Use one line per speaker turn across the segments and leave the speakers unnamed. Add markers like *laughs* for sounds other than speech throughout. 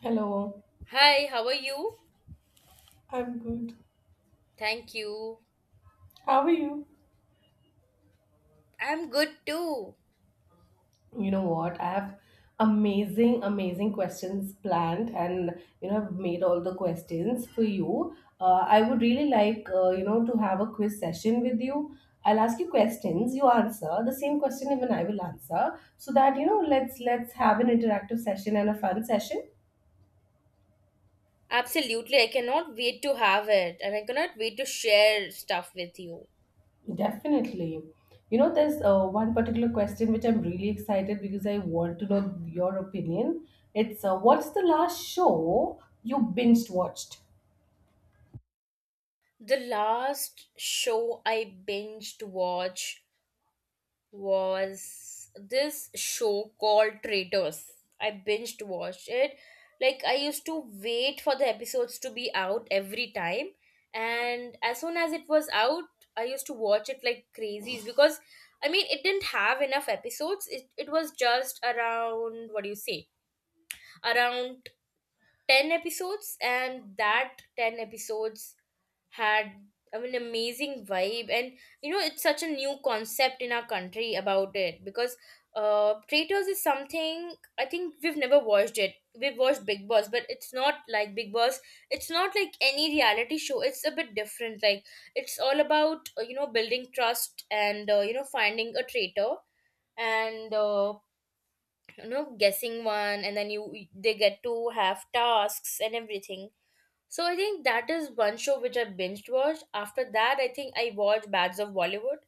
Hello,
Hi, how are you?
I'm good.
Thank you.
How are you?
I'm good too.
You know what? I have amazing, amazing questions planned, and you know, I've made all the questions for you. I would really like, you know, to have a quiz session with you. I'll ask you questions, you answer the same question, even I will answer, so that you know, let's have an interactive session and a fun session.
Absolutely, I cannot wait to have it and I cannot wait to share stuff with you.
Definitely. You know, there's one particular question which I'm really excited because I want to know your opinion. It's what's the last show you binged watched?
The last show I binged watch was this show called Traitors. I binged watched it. Like, I used to wait for the episodes to be out every time, and as soon as it was out, I used to watch it like crazy because I mean it didn't have enough episodes. It was just around, what do you say, around ten episodes, and that ten episodes had, I mean, amazing vibe, and you know it's such a new concept in our country about it because traitors is something I think we've never watched it. We've watched Big Boss, but it's not like Big Boss. It's not like any reality show. It's a bit different. Like, it's all about, you know, building trust and, you know, finding a traitor, and you know, guessing one, and then you, they get to have tasks and everything. So I think that is one show which I binged watched. After that, I think I watched Bads of Bollywood.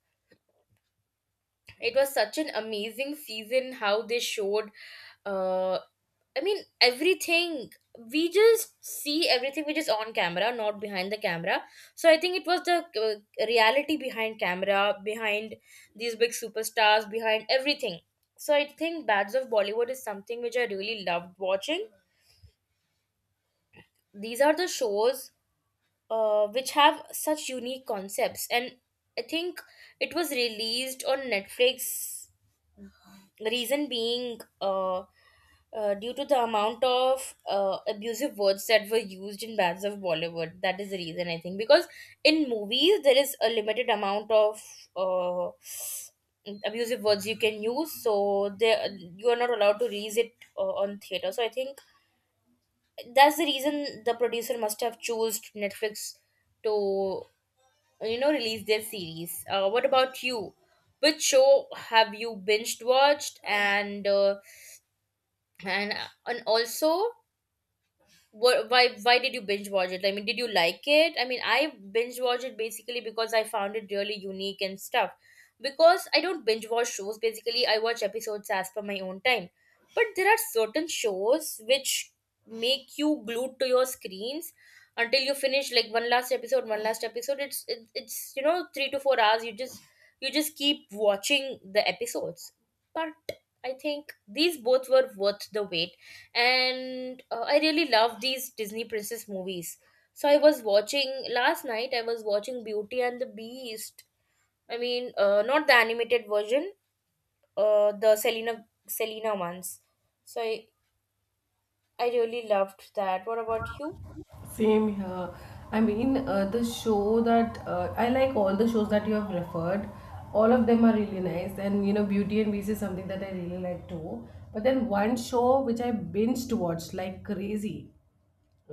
It was such an amazing season how they showed, uh I mean, everything. We just see everything which is on camera, not behind the camera. So I think it was the reality behind camera, behind these big superstars, behind everything. So I think Bads of Bollywood is something which I really loved watching. These are the shows which have such unique concepts, and I think it was released on Netflix, the reason being, due to the amount of abusive words that were used in Bands of Bollywood. That is the reason, I think, because in movies there is a limited amount of uh, abusive words you can use, so they, you are not allowed to release it on theater. So I think that's the reason the producer must have chose Netflix to, you know, release their series. What about you? Which show have you binged watched, and and also what, why did you binge watch it? I mean, did you like it? I mean, I binge watch it basically because I found it really unique and stuff. Because I don't binge watch shows. Basically, I watch episodes as per my own time. But there are certain shows which make you glued to your screens until you finish, like, one last episode, one last episode. It's you know 3 to 4 hours. You just keep watching the episodes. But I think these both were worth the wait, and I really love these Disney princess movies. So I was watching last night, I was watching Beauty and the Beast, I mean, not the animated version, the Selena ones. So I really loved that. What about you?
Same here. I mean, the show that I like all the shows that you have referred, all of them are really nice. And you know, Beauty and Beast is something that I really like too. But then one show which I binged watched like crazy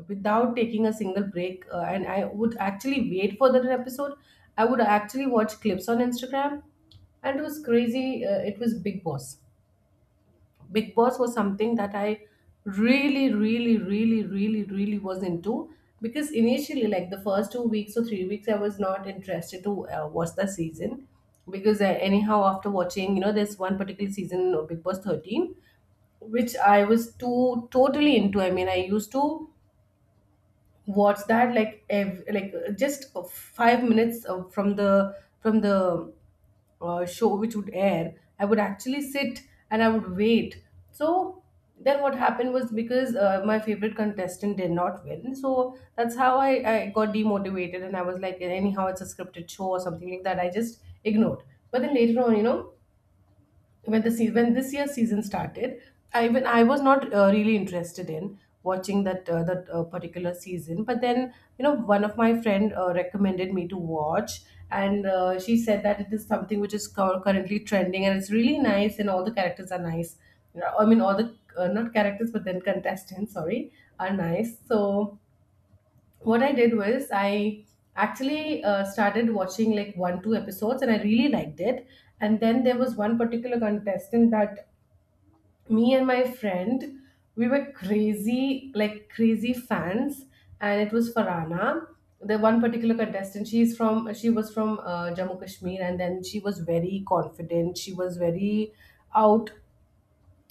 without taking a single break and I would actually wait for that episode. I would actually watch clips on Instagram, and it was crazy. It was Big Boss. Big Boss was something that I really, really, really, really, really was into, because initially like the first 2 weeks or 3 weeks I was not interested to watch the season. Because anyhow, after watching, you know, there's one particular season, Big Boss 13, which I was too totally into. I mean, I used to, what's that, like like just 5 minutes from the show which would air, I would actually sit and I would wait. So then what happened was, because my favorite contestant did not win, so that's how I got demotivated, and I was like, anyhow it's a scripted show or something like that, I just ignored. But then later on, you know, when the sea when this year's season started, I, when I was not really interested in watching that particular season. But then you know, one of my friend recommended me to watch, and she said that it is something which is currently trending, and it's really nice, and all the characters are nice. You know, I mean, all the not characters, but then contestants, sorry, are nice. So what I did was I actually started watching like one two episodes and I really liked it. And then there was one particular contestant that me and my friend, we were crazy, like crazy fans, and it was Farana. The one particular contestant, she's from, she was from Jammu Kashmir, and then she was very confident. She was very out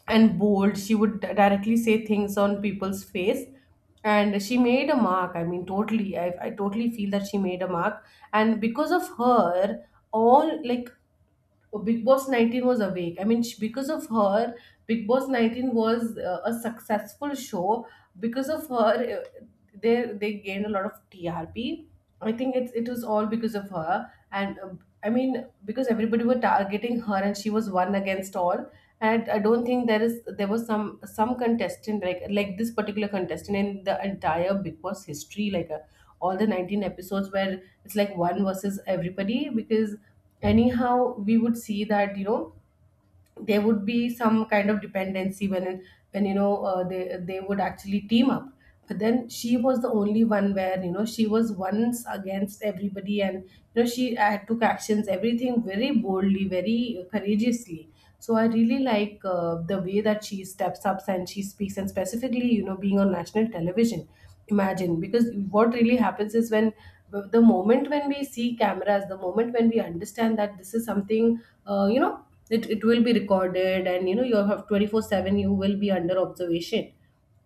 and bold. She would directly say things on people's face. And she made a mark. I mean, totally. I totally feel that she made a mark. And because of her, all like, oh, Big Boss 19 was awake. I mean, sh because of her, Big Boss 19 was a successful show. Because of her, they gained a lot of TRP. I think it was all because of her. And I mean, because everybody were targeting her, and she was one against all. And I don't think there was some contestant like this particular contestant in the entire Big Boss history, like all the 19 episodes, where it's like one versus everybody. Because anyhow we would see that you know there would be some kind of dependency when they would actually team up, but then she was the only one where you know she was once against everybody, and you know she had took actions, everything very boldly, very courageously. So I really like the way that she steps up and she speaks, and specifically you know being on national television. Imagine, because what really happens is when the moment when we see cameras, the moment when we understand that this is something you know it will be recorded, and you know you have 24 7 you will be under observation.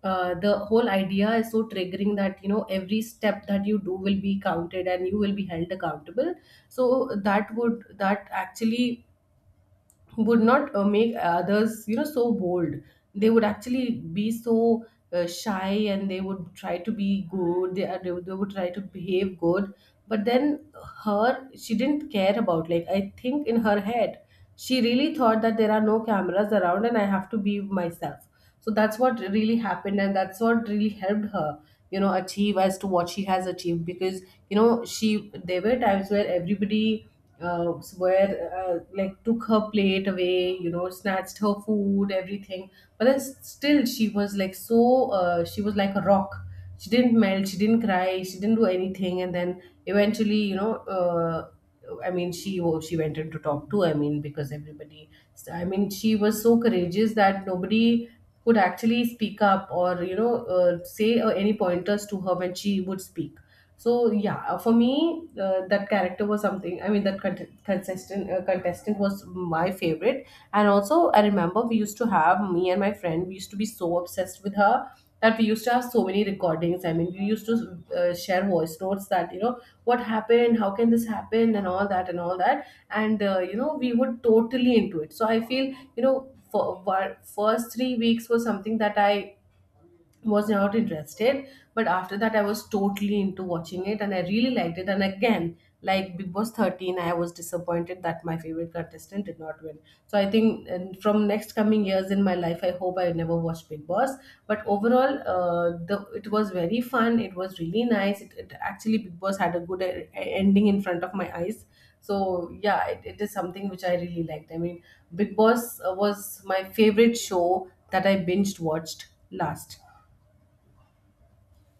The whole idea is so triggering that you know every step that you do will be counted and you will be held accountable. So that would, that actually would not make others, you know, so bold. They would actually be so shy, and they would try to be good. They would try to behave good. But then her, she didn't care about, like I think in her head she really thought that there are no cameras around and I have to be myself. So that's what really happened, and that's what really helped her, you know, achieve as to what she has achieved. Because you know she, there were times where everybody where like took her plate away, you know, snatched her food, everything. But then still she was like so she was like a rock. She didn't melt, she didn't cry, she didn't do anything. And then eventually you know I mean, she, oh, she went in to talk to. I mean, because everybody. I mean, she was so courageous that nobody could actually speak up or you know say any pointers to her when she would speak. So yeah, for me, that character was something. I mean, that contestant was my favorite. And also, I remember we used to have, me and my friend, we used to be so obsessed with her that we used to have so many recordings. I mean, we used to share voice notes that you know what happened, how can this happen, and all that and all that. And you know, we were totally into it. So I feel you know, for first 3 weeks was something that I was not interested, but after that I was totally into watching it and I really liked it. And again, like Big Boss 13, I was disappointed that my favorite contestant did not win. So I think and from next coming years in my life I hope I never watch Big Boss. But overall the it was very fun, it was really nice. It actually, Big Boss had a good ending in front of my eyes. So yeah, it is something which I really liked. I mean, Big Boss was my favorite show that I binged watched last.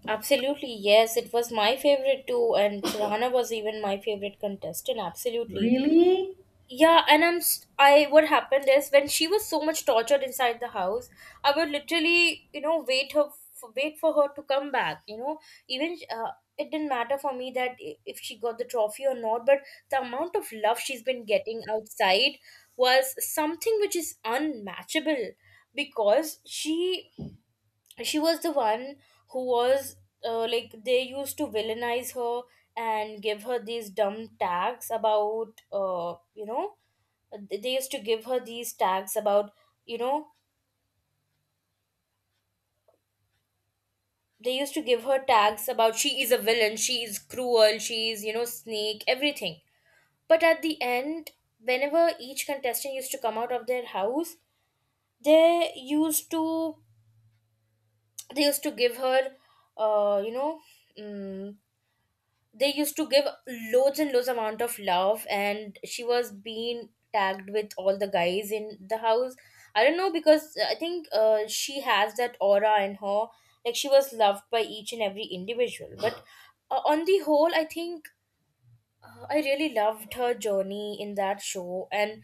Absolutely, yes, it was my favorite too, and Rana was even my favorite contestant, absolutely.
Really?
Yeah, and I, what happened is when she was so much tortured inside the house, I would literally, you know, wait her wait for her to come back. You know, even, it didn't matter for me that, if she got the trophy or not, but the amount of love she's been getting outside was something which is unmatchable, because she was the one who was, like, they used to villainize her and give her these dumb tags about, you know, they used to give her these tags about, you know, they used to give her tags about, she is a villain, she is cruel, she is, you know, snake, everything. But at the end, whenever each contestant used to come out of their house, they used to, they used to give her you know mm they used to give loads and loads amount of love, and she was being tagged with all the guys in the house. I don't know, because I think, she has that aura in her. Like, she was loved by each and every individual, but, on the whole, I think, I really loved her journey in that show. And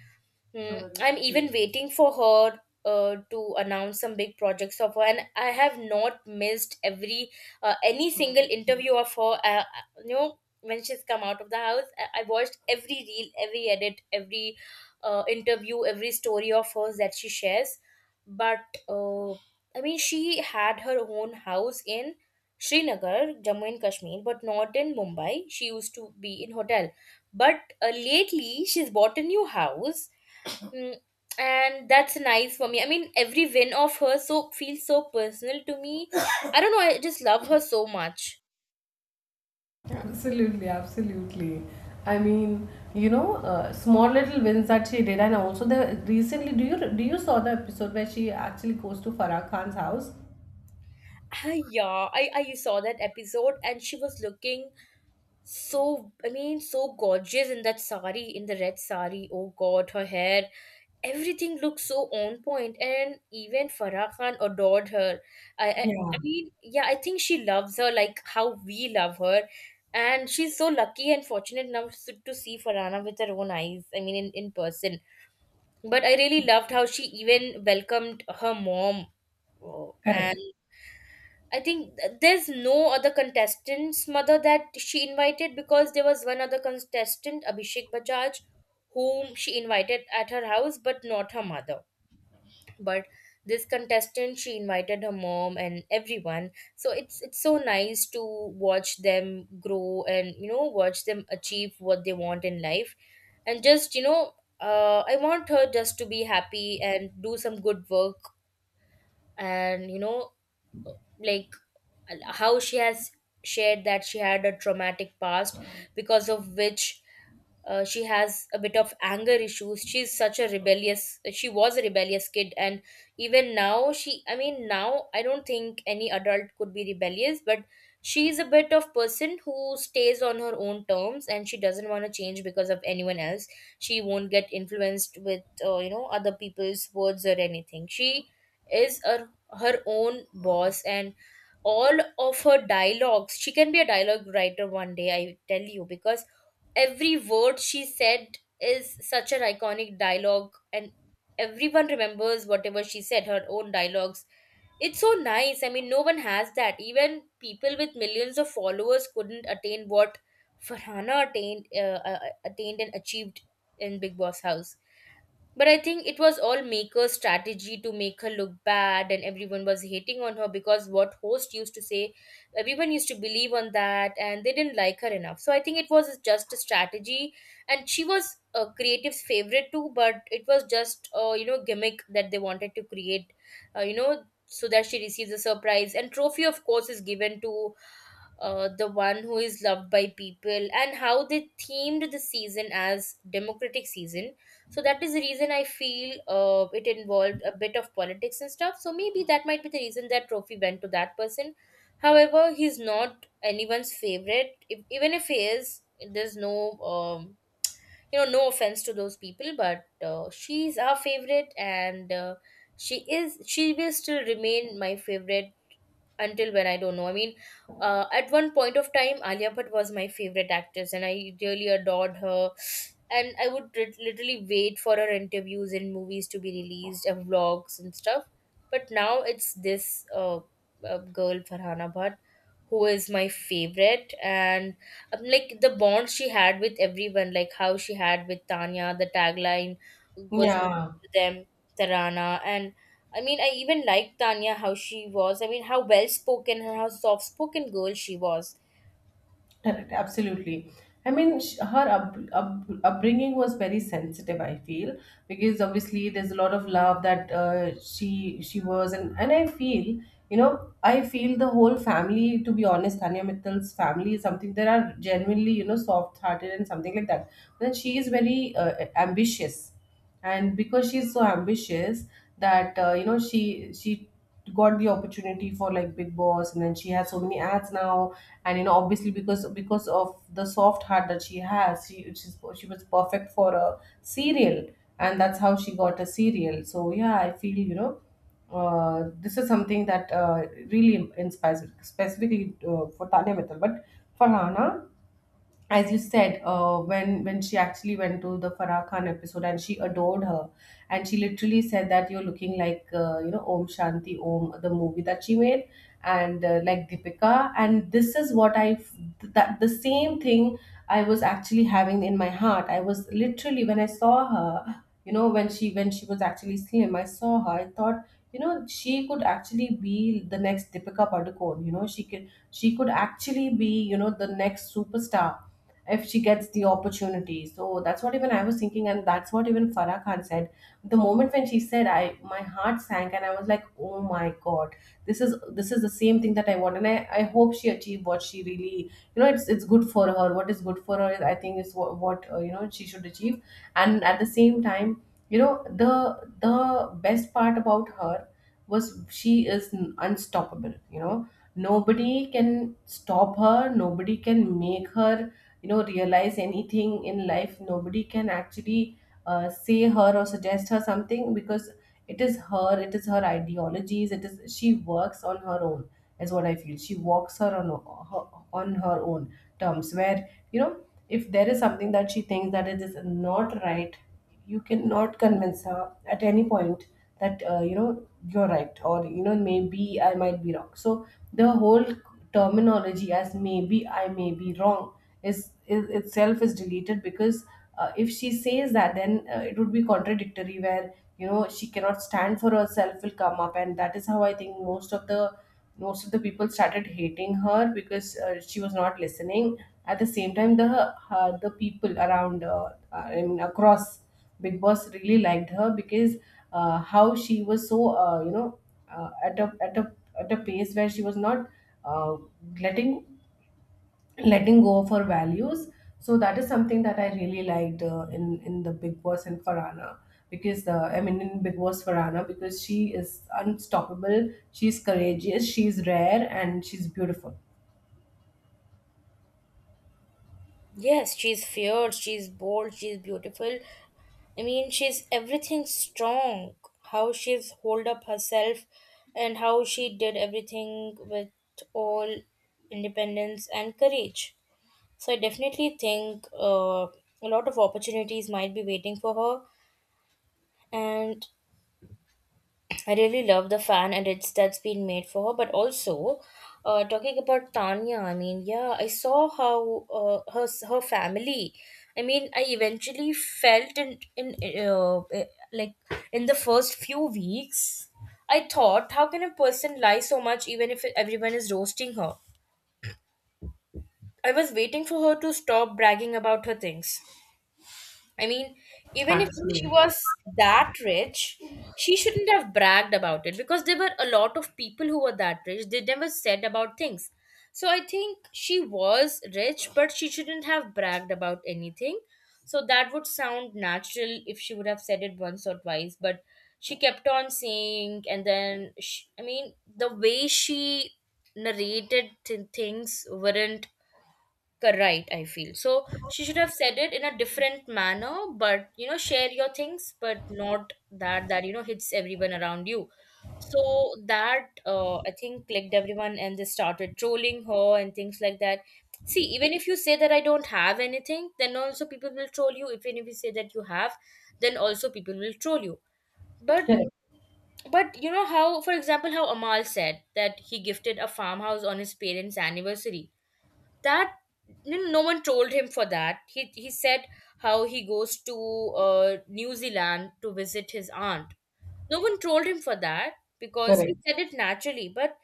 So I'm even waiting for her to announce some big projects of her, and I have not missed every, any single, Oh, interview of her. You know, when she's come out of the house, I watched every reel, every edit, every, interview, every story of hers that she shares. But, I mean, she had her own house in Srinagar, Jammu and Kashmir, but not in Mumbai. She used to be in hotel, but, lately she's bought a new house. Mm, and that's nice for me. I mean, every win of her so feels so personal to me. *coughs* I don't know. I just love her so much.
Absolutely, absolutely. I mean, you know, small little wins that she did, and also the recently, do you saw the episode where she actually goes to Farah Khan's house?
Ah, yeah, I saw that episode, and she was looking so, I mean, so gorgeous in that sari, in the red sari. Oh God, her hair, everything looked so on point, and even Farah Khan adored her. I
Yeah,
mean, yeah, I think she loves her like how we love her. And she's so lucky and fortunate enough to see Farhana with her own eyes, I mean, in person. But I really loved how she even welcomed her mom. Oh, and
correct.
I think there's no other contestant's mother that she invited, because there was one other contestant, Abhishek Bajaj, whom she invited at her house, but not her mother. But this contestant, she invited her mom and everyone. So it's so nice to watch them grow and, you know, watch them achieve what they want in life. And just, you know, I want her just to be happy and do some good work. And you know, like, how she has shared that she had a traumatic past, because of which, she has a bit of anger issues. She's such a rebellious, she was a rebellious kid, and even now she, I mean, now I don't think any adult could be rebellious, but she's a bit of person who stays on her own terms, and she doesn't want to change because of anyone else. She won't get influenced with, you know, other people's words or anything. She is her own boss, and all of her dialogues, she can be a dialogue writer one day, I tell you, because every word she said is such an iconic dialogue, and everyone remembers whatever she said, her own dialogues. It's so nice. I mean, no one has that. Even people with millions of followers couldn't attain what Farhana attained, attained and achieved in Big Boss house. But I think it was all maker's strategy to make her look bad, and everyone was hating on her because what host used to say, everyone used to believe on that, and they didn't like her enough. So I think it was just a strategy, and she was a creative's favorite too, but it was just a, you know, gimmick that they wanted to create, you know, so that she receives a surprise. And trophy, of course, is given to the one who is loved by people, and how they themed the season as democratic season. So that is the reason I feel, it involved a bit of politics and stuff, so maybe that might be the reason that trophy went to that person. However, he's not anyone's favorite. If, even if he is, there's no, you know, no offense to those people, but, she's our favorite, and, she is, she will still remain my favorite until, when I don't know. I mean, at one point of time, Alia Bhatt was my favorite actress, and I really adored her. And I would literally wait for her interviews in movies to be released, and vlogs and stuff. But now it's this, girl Farhana Bhatt, who is my favorite, and, like, the bond she had with everyone, like how she had with Tanya, the tagline was
Yeah,
to them, Tarana, and I mean, I even liked Tanya, how she was. I mean, how well spoken and how soft spoken girl she was.
correct, absolutely. I mean, her upbringing was very sensitive. I feel, because obviously there's a lot of love that she was, and I feel you know I feel the whole family. To be honest, Tanya Mittal's family is something that are genuinely you know soft hearted and something like that. But then she is very ambitious, and because she's so ambitious that you know she got the opportunity for like Big Boss, and then she has so many ads now. And you know obviously because of the soft heart that she has, she was perfect for a serial, and that's how she got a serial. So yeah, I feel you know this is something that really inspires me, specifically for Tanya Mittal. But for Rana, as you said, when she actually went to the Farah Khan episode and she adored her, and she literally said that you're looking like you know Om Shanti Om, the movie that she made, and like Deepika, and this is what that the same thing I was actually having in my heart. I was literally, when I saw her, you know, when she, when she was actually slim, I saw her. I thought, you know, she could actually be the next Deepika Padukone. You know, she could actually be, you know, the next superstar if she gets the opportunity. So that's what even I was thinking, and that's what even Farah Khan said. The moment when she said, I, my heart sank, and I was like, oh my god, this is the same thing that I want, and I hope she achieved what she really, you know it's good for her. What is good for her, I think, is what you know she should achieve. And at the same time, you know the best part about her was she is unstoppable. You know, nobody can stop her, nobody can make her realize anything in life. Nobody can actually say her or suggest her something because it is her, it is her ideologies, it is she works on her own is what I feel. She walks her on her, on her own terms where if there is something that she thinks that it is not right, you cannot convince her at any point that you know you're right, or you know maybe I might be wrong. So the whole terminology as maybe I may be wrong is itself is deleted because if she says that, then it would be contradictory where you know she cannot stand for herself will come up. And that is how I think most of the people started hating her because she was not listening. At the same time, the people around, I mean, across Big Boss really liked her because how she was so you know, at a at a at a pace where she was not, uh, letting letting go of her values. So that is something that I really liked in the Big Boss and Farana because I mean in Big Boss Farana, because she is unstoppable, she's courageous, she's rare, and she's beautiful.
Yes, she's fierce, she's bold, she's beautiful. I mean, she's everything strong. How she's hold up herself and how she did everything with all independence and courage. So I definitely think, a lot of opportunities might be waiting for her, and I really love the fan and it's that's been made for her. But also, talking about Tanya, I mean, yeah, I saw how, her her family, I mean, I eventually felt in, uh, eh, like, in the first few weeks, I thought, how can a person lie so much even if everyone is roasting her? I was waiting for her to stop bragging about her things. I mean, even if she
Absolutely.
was that rich, she shouldn't have bragged about it because there were a lot of people who were that rich. They never said about things. So I think she was rich, but she shouldn't have bragged about anything. So that would sound natural if she would have said it once or twice, but she kept on saying, and then, she, I mean, the way she narrated things weren't correct, I feel. So she should have said it in a different manner, but share your things, but not that hits everyone around you. So that I think clicked everyone and they started trolling her and things like that. See, even if you say that I don't have anything, then also people will troll you. Even if you say that you have, then also people will troll you. But
Correct.
but you know how, for example, how Amal said that he gifted a farmhouse on his parents' anniversary, that no one told him for that. He said how he goes to New Zealand to visit his aunt. No one told him for that because he
Correct.
said it naturally. But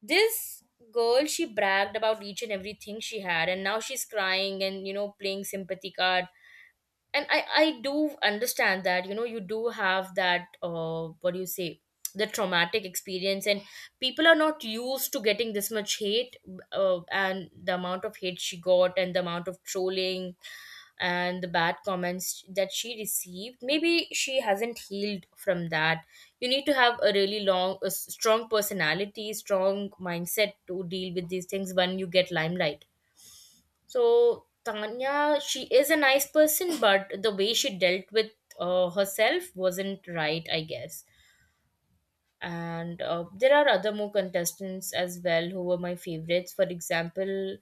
this girl, she bragged about each and everything she had, and now she's crying and, you know, playing sympathy card. And I do understand that, you know, you do have that what do you say, the traumatic experience, and people are not used to getting this much hate. And the amount of hate she got and the amount of trolling and the bad comments that she received, maybe she hasn't healed from that. You need to have a really long a strong personality, strong mindset to deal with these things when you get limelight. So Tanya, she is a nice person, but the way she dealt with herself wasn't right, I guess. And there are other more contestants as well who were my favorites. For example,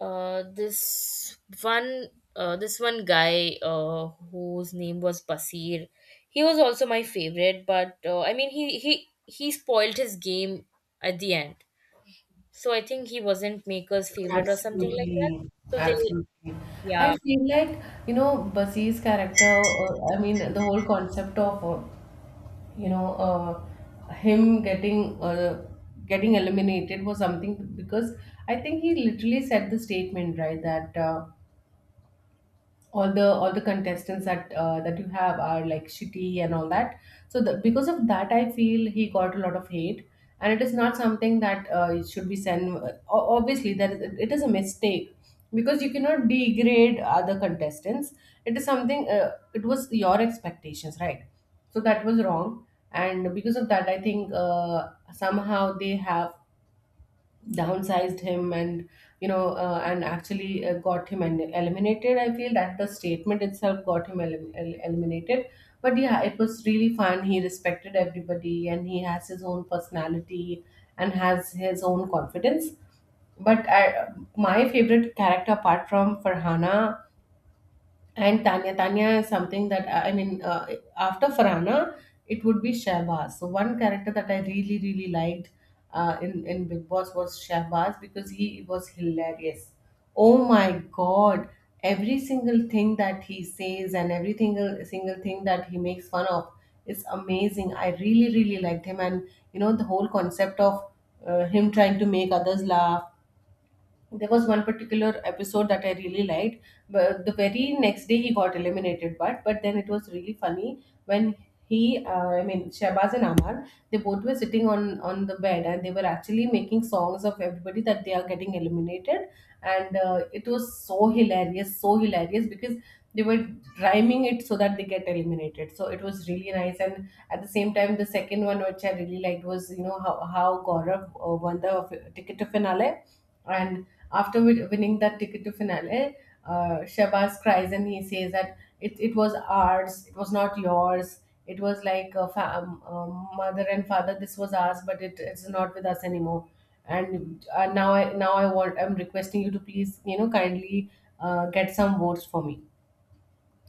uh, this one, this one guy whose name was Basir. He was also my favorite, but I mean, he spoiled his game at the end. So I think he wasn't Maker's favorite or something like that.
Absolutely.
So they,
Absolutely. I
yeah.
feel like, you know, Basi's character, I mean, the whole concept of you know uh, him getting getting eliminated was something because I think he literally said the statement, right, that all the contestants that that you have are like shitty and all that. So because of that I feel he got a lot of hate, and it is not something that, it should be sent. O- obviously that is, it is a mistake because you cannot degrade other contestants. It is something, it was your expectations, right? So that was wrong, and because of that I think somehow they have downsized him, and you know, and actually got him and eliminated. I feel that the statement itself got him eliminated. But yeah, it was really fun. He respected everybody and he has his own personality and has his own confidence. But my favorite character apart from Farhana and Tanya is something that I mean, after Farhana, it would be Shahbaz. So one character that I really, really liked in Big Boss was Shahbaz because he was hilarious. Oh my God! Every single thing that he says and every single thing that he makes fun of is amazing. I really, really liked him. And you know, the whole concept of him trying to make others laugh, there was one particular episode that I really liked. But the very next day he got eliminated. But then it was really funny when I mean Shahbaz and Amar, they both were sitting on the bed and they were actually making songs of everybody that they are getting eliminated, and it was so hilarious because they were rhyming it so that they get eliminated. So it was really nice. And at the same time, the second one which I really liked was, you know how Gaurav won the ticket to finale. And after winning that ticket to finale, Shabazz cries and he says that it was ours, it was not yours. It was like a mother and father, this was ours, but it's not with us anymore. And now I want, I'm requesting you to please, you know, kindly get some votes for me.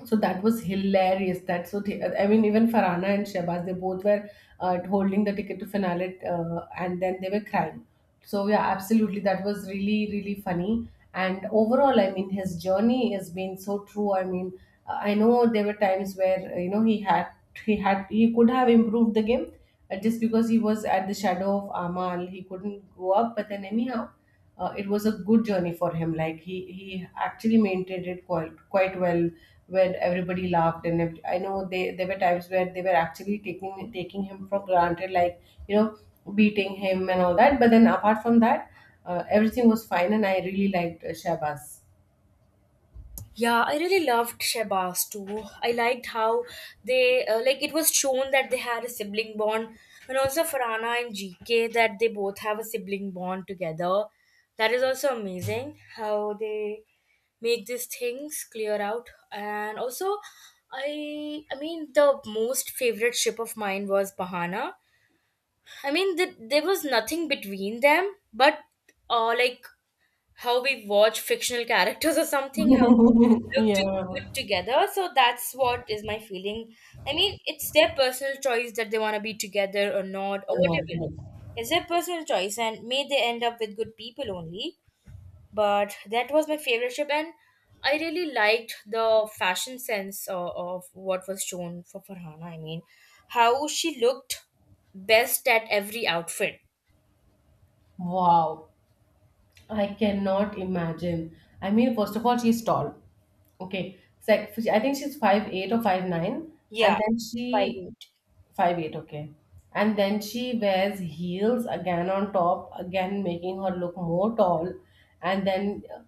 So that was hilarious. I mean, even Farana and Shabazz, they both were holding the ticket to finale, and then they were crying. So yeah, absolutely, that was really, really funny. And overall, I mean, his journey has been so true. I mean, I know there were times where you know he had he had he could have improved the game, just because he was at the shadow of Amal he couldn't go up. But then anyhow, it was a good journey for him. Like, he actually maintained it quite well when everybody laughed. I know they there were times where they were actually taking him for granted, like, you know, beating him and all that. But then apart from that, everything was fine, and I really liked Shabazz.
Yeah, I really loved Shehbaz too. I liked how they like it was shown that they had a sibling bond, and also Farhana and GK that they both have a sibling bond together. That is also amazing how they make these things clear out. And also, I mean the most favorite ship of mine was Bahana. I mean, there was nothing between them, but like how we watch fictional characters *laughs* or something, how
*laughs*
they look to,
Yeah.
good together. So that's what is my feeling. I mean, it's their personal choice that they want to be together or not or
Oh,
whatever.
no, no.
It's their personal choice, and may they end up with good people only. But that was my favorite ship, and I really liked the fashion sense of what was shown for Farhana. I mean, how she looked best at every outfit.
Wow. I cannot imagine. I mean, first of all, she's tall. Okay. Sec I think she's 5'8" or 5'9", and
Yeah,
then
five
she
eight.
5'8". Okay, and then she wears heels again on top, again making her look more tall, and then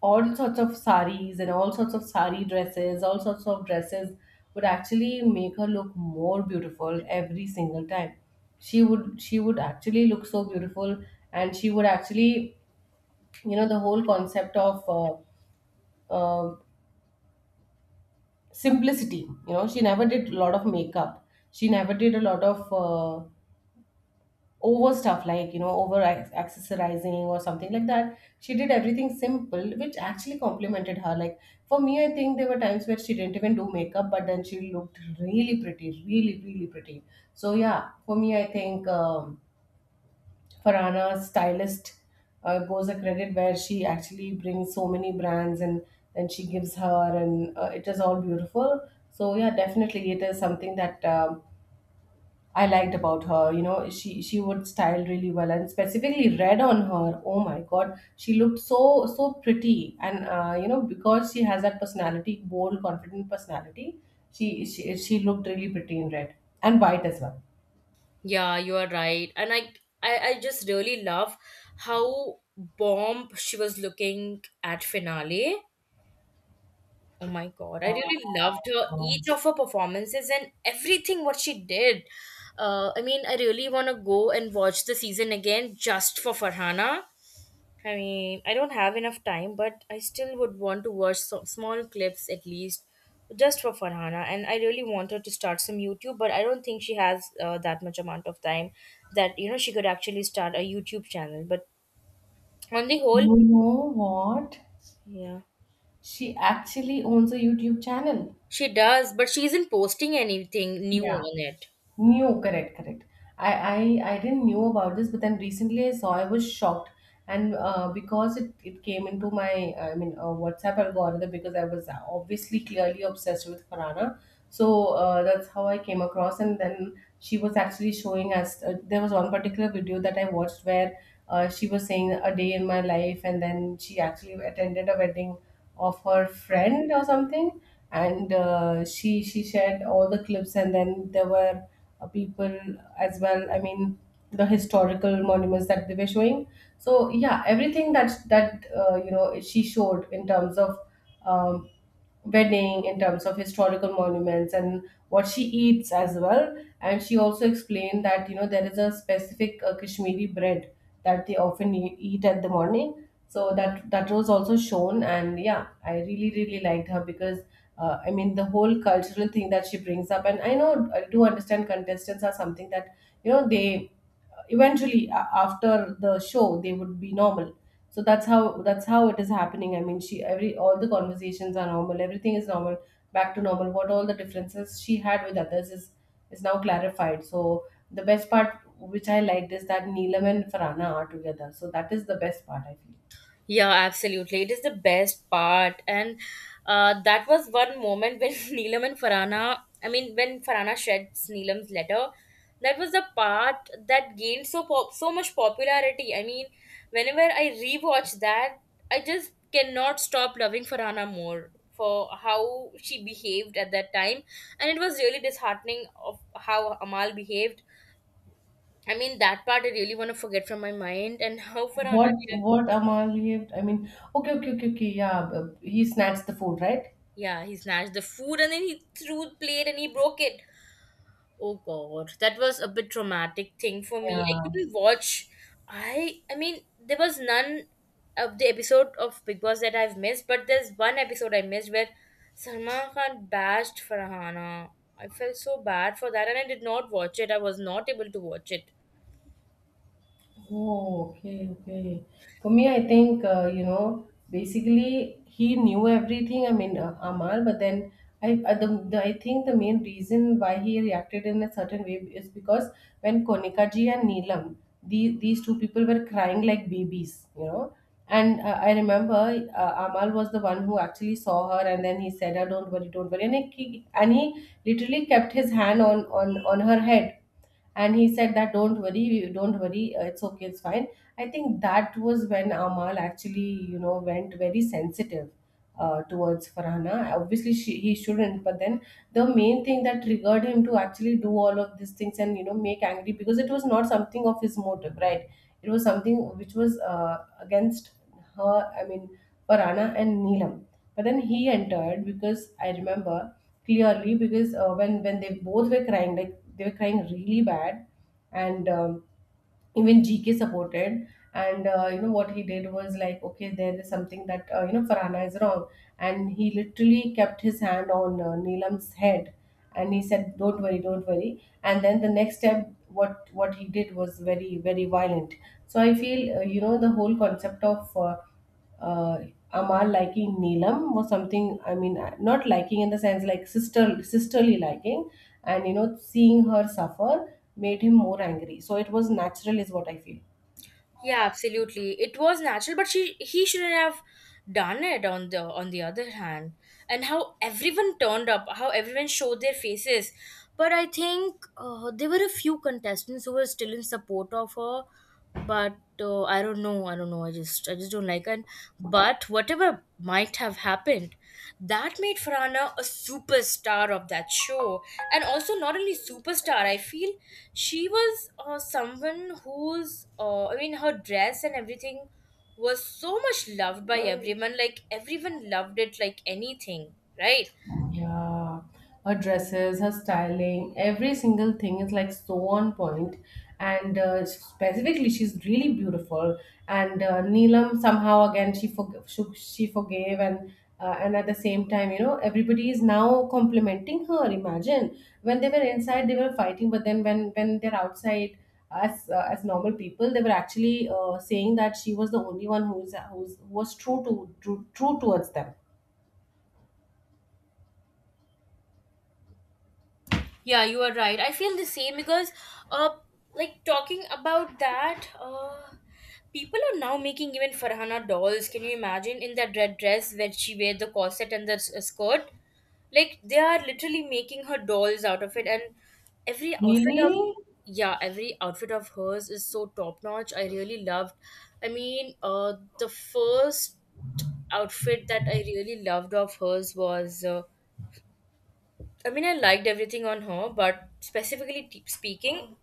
all sorts of saris and all sorts of sari dresses, all sorts of dresses would actually make her look more beautiful every single time. She would actually look so beautiful. And she would actually, you know, the whole concept of uh, simplicity. You know, she never did a lot of makeup, she never did a lot of over stuff, like, you know, over accessorizing or something like that. She did everything simple, which actually complimented her. Like, for me, I think there were times where she didn't even do makeup, but then she looked really pretty, really, really pretty. So yeah, for me, I think, Farhana stylist, goes a credit, where she actually brings so many brands and then she gives her, and it is all beautiful. So yeah, definitely it is something that, I liked about her. You know, she would style really well, and specifically red on her, oh my god, she looked so so pretty. And you know, because she has that personality, bold, confident personality, she she looked really pretty in red, and white as well.
Yeah, you are right. I just really love how bomb she was looking at finale. Oh my god, I really loved her
Wow.
each of her performances and everything what she did. I mean, I really want to go and watch the season again just for Farhana. I mean, I don't have enough time, but I still would want to watch small clips at least, just for Farhana. And I really want her to start some YouTube, but I don't think she has that much amount of time that, you know, she could actually start a YouTube channel. But on the whole,
You know what?
yeah,
She actually owns a YouTube channel.
she does, but she isn't posting anything new
Yeah.
on it.
New, correct, correct. I, I didn't knew about this, but then recently I saw, I was shocked. And because it came into my, I mean, WhatsApp algorithm, because I was obviously, clearly obsessed with Farhana, so that's how I came across. And then she was actually showing us, there was one particular video that I watched where she was saying a day in my life, and then she actually attended a wedding of her friend or something. And she shared all the clips, and then there were people as well. I mean, the historical monuments that they were showing. So yeah, everything that you know she showed in terms of, um, wedding, in terms of historical monuments, and what she eats as well. And she also explained that, you know, there is a specific Kashmiri bread that they often eat at the morning. So that that was also shown. And yeah, I really, really liked her because I mean, the whole cultural thing that she brings up. And I know, I do understand contestants are something that, you know, they eventually after the show they would be normal. So that's how it is happening. I mean, she every, all the conversations are normal, everything is normal, back to normal. What all the differences she had with others is now clarified. So the best part which I liked is that Neelam and Farana are together. So that is the best part, I feel.
Yeah, absolutely. It is the best part. And that was one moment when *laughs* Neelam and Farana, I mean, when Farana sheds Neelam's letter, that was the part that gained so much popularity. I mean, whenever I rewatch that, I just cannot stop loving Farana more for how she behaved at that time. And it was really disheartening of how Amal behaved. I mean, that part I really want to forget from my mind and how Farhana.
what what Amal, I mean, okay, okay, okay, okay, yeah, b- he snatched the food, right?
Yeah, he snatched the food and then he threw the plate and he broke it. Oh God, that was a bit traumatic thing for me.
Yeah.
I couldn't watch. I mean, there was none of the episode of Big Boss that I've missed, but there's one episode I missed where Salman Khan bashed Farhana. I felt so bad for that and I did not watch it. I was not able to watch it.
Oh, okay, okay. For me, I think, you know, basically he knew everything. I mean, Amal, but then I think the main reason why he reacted in a certain way is because when Konikaji and these two people were crying like babies, you know. And I remember Amal was the one who actually saw her, and then he said, "Oh, don't worry," and and he literally kept his hand on on her head and he said that, don't worry, don't worry, it's okay, it's fine. I think that was when Amal actually, you know, went very sensitive towards Farhana. Obviously he shouldn't, but then the main thing that triggered him to actually do all of these things and, you know, make angry, because it was not something of his motive, right? It was something which was against her. I mean, Farhana and Neelam. But then he entered, because I remember clearly, because when they both were crying, like, they were crying really bad. And even GK supported. And you know what he did was like, okay, there is something that, you know, Farhana is wrong, and he literally kept his hand on, Neelam's head, and he said, "Don't worry, don't worry." And then the next step, what he did was very, very violent. So I feel you know, the whole concept of uh, Amal liking Neelam was something. I mean, not liking in the sense like sisterly liking. And, you know, seeing her suffer made him more angry. So it was natural, is what I feel.
Yeah, absolutely. It was natural, but she he shouldn't have done it on the other hand. And how everyone turned up, how everyone showed their faces. But I think there were a few contestants who were still in support of her, but I don't know, I don't know. I just don't like her. And but whatever might have happened, that made Farhana a superstar of that show. And also, not only superstar, I feel she was someone whose, I mean, her dress and everything was so much loved by everyone. Like, everyone loved it like anything, right?
Yeah, her dresses, her styling, every single thing is like so on point. And specifically, she's really beautiful. And Neelam somehow again she forgave. And and at the same time, you know, everybody is now complimenting her. Imagine when they were inside, they were fighting, but then when they're outside as, as normal people, they were actually saying that she was the only one who's who's who was true, true towards them.
Yeah, you are right. I feel the same because, uh, like, talking about that, people are now making even Farhana dolls. Can you imagine in that red dress where she wear the corset and the skirt? Like they are literally making her dolls out of it, and every outfit of,
Really?
yeah, every outfit of hers is so top notch. I really loved. I mean, the first outfit that I really loved of hers was. I mean, I liked everything on her, but specifically speaking,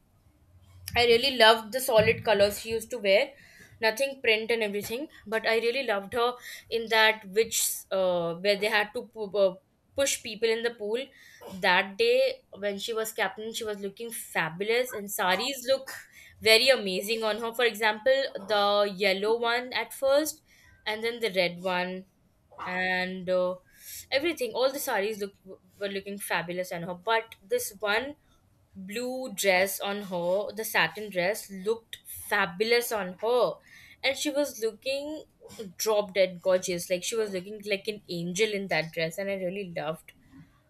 I really loved the solid colors she used to wear, nothing print and everything. But I really loved her in that which where they had to push people in the pool. That day when she was captain, she was looking fabulous, and saris look very amazing on her. For example, the yellow one at first, and then the red one, and everything. All the saris look were looking fabulous on her, but this one blue dress on her, the satin dress looked fabulous on her. And she was looking drop dead gorgeous. Like she was looking like an angel in that dress, and I really loved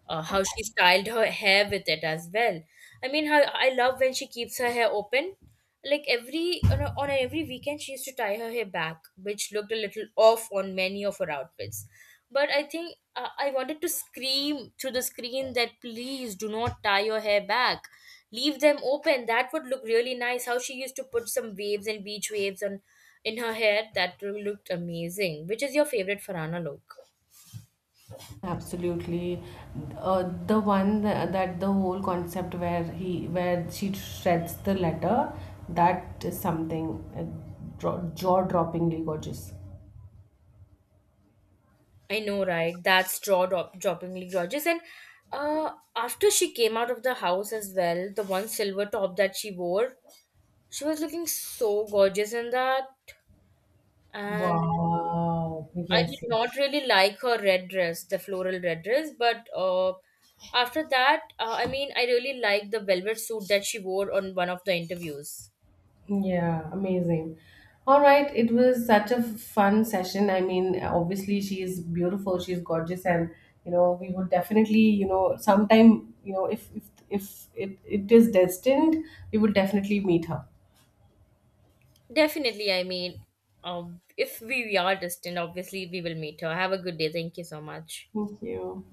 how she styled her hair with it as well. I mean, her, I love when she keeps her hair open. Like every on a- every weekend, she used to tie her hair back, which looked a little off on many of her outfits. But I think I wanted to scream through the screen that please do not tie your hair back, leave them open. That would look really nice. How she used to put some waves and beach waves on in her hair that looked amazing. Which is your favorite Farana look?
Absolutely. The one that, that the whole concept where he where she shreds the letter, that is something, jaw-droppingly gorgeous.
I know, right? That's droppingly gorgeous. And after she came out of the house as well, the one silver top that she wore, she was looking so gorgeous in that. And
Wow. Yes,
I did
yes.
not really like her red dress, the floral red dress. But after that, I mean, I really liked the velvet suit that she wore on one of the interviews.
Yeah, amazing. All right, it was such a fun session. I mean, obviously she is beautiful, she's gorgeous, and, you know, we would definitely, you know, sometime, you know, if if it is destined, we would definitely meet her.
Definitely, I mean, if we are distant, obviously we will meet her. Have a good day. Thank you so much.
Thank you.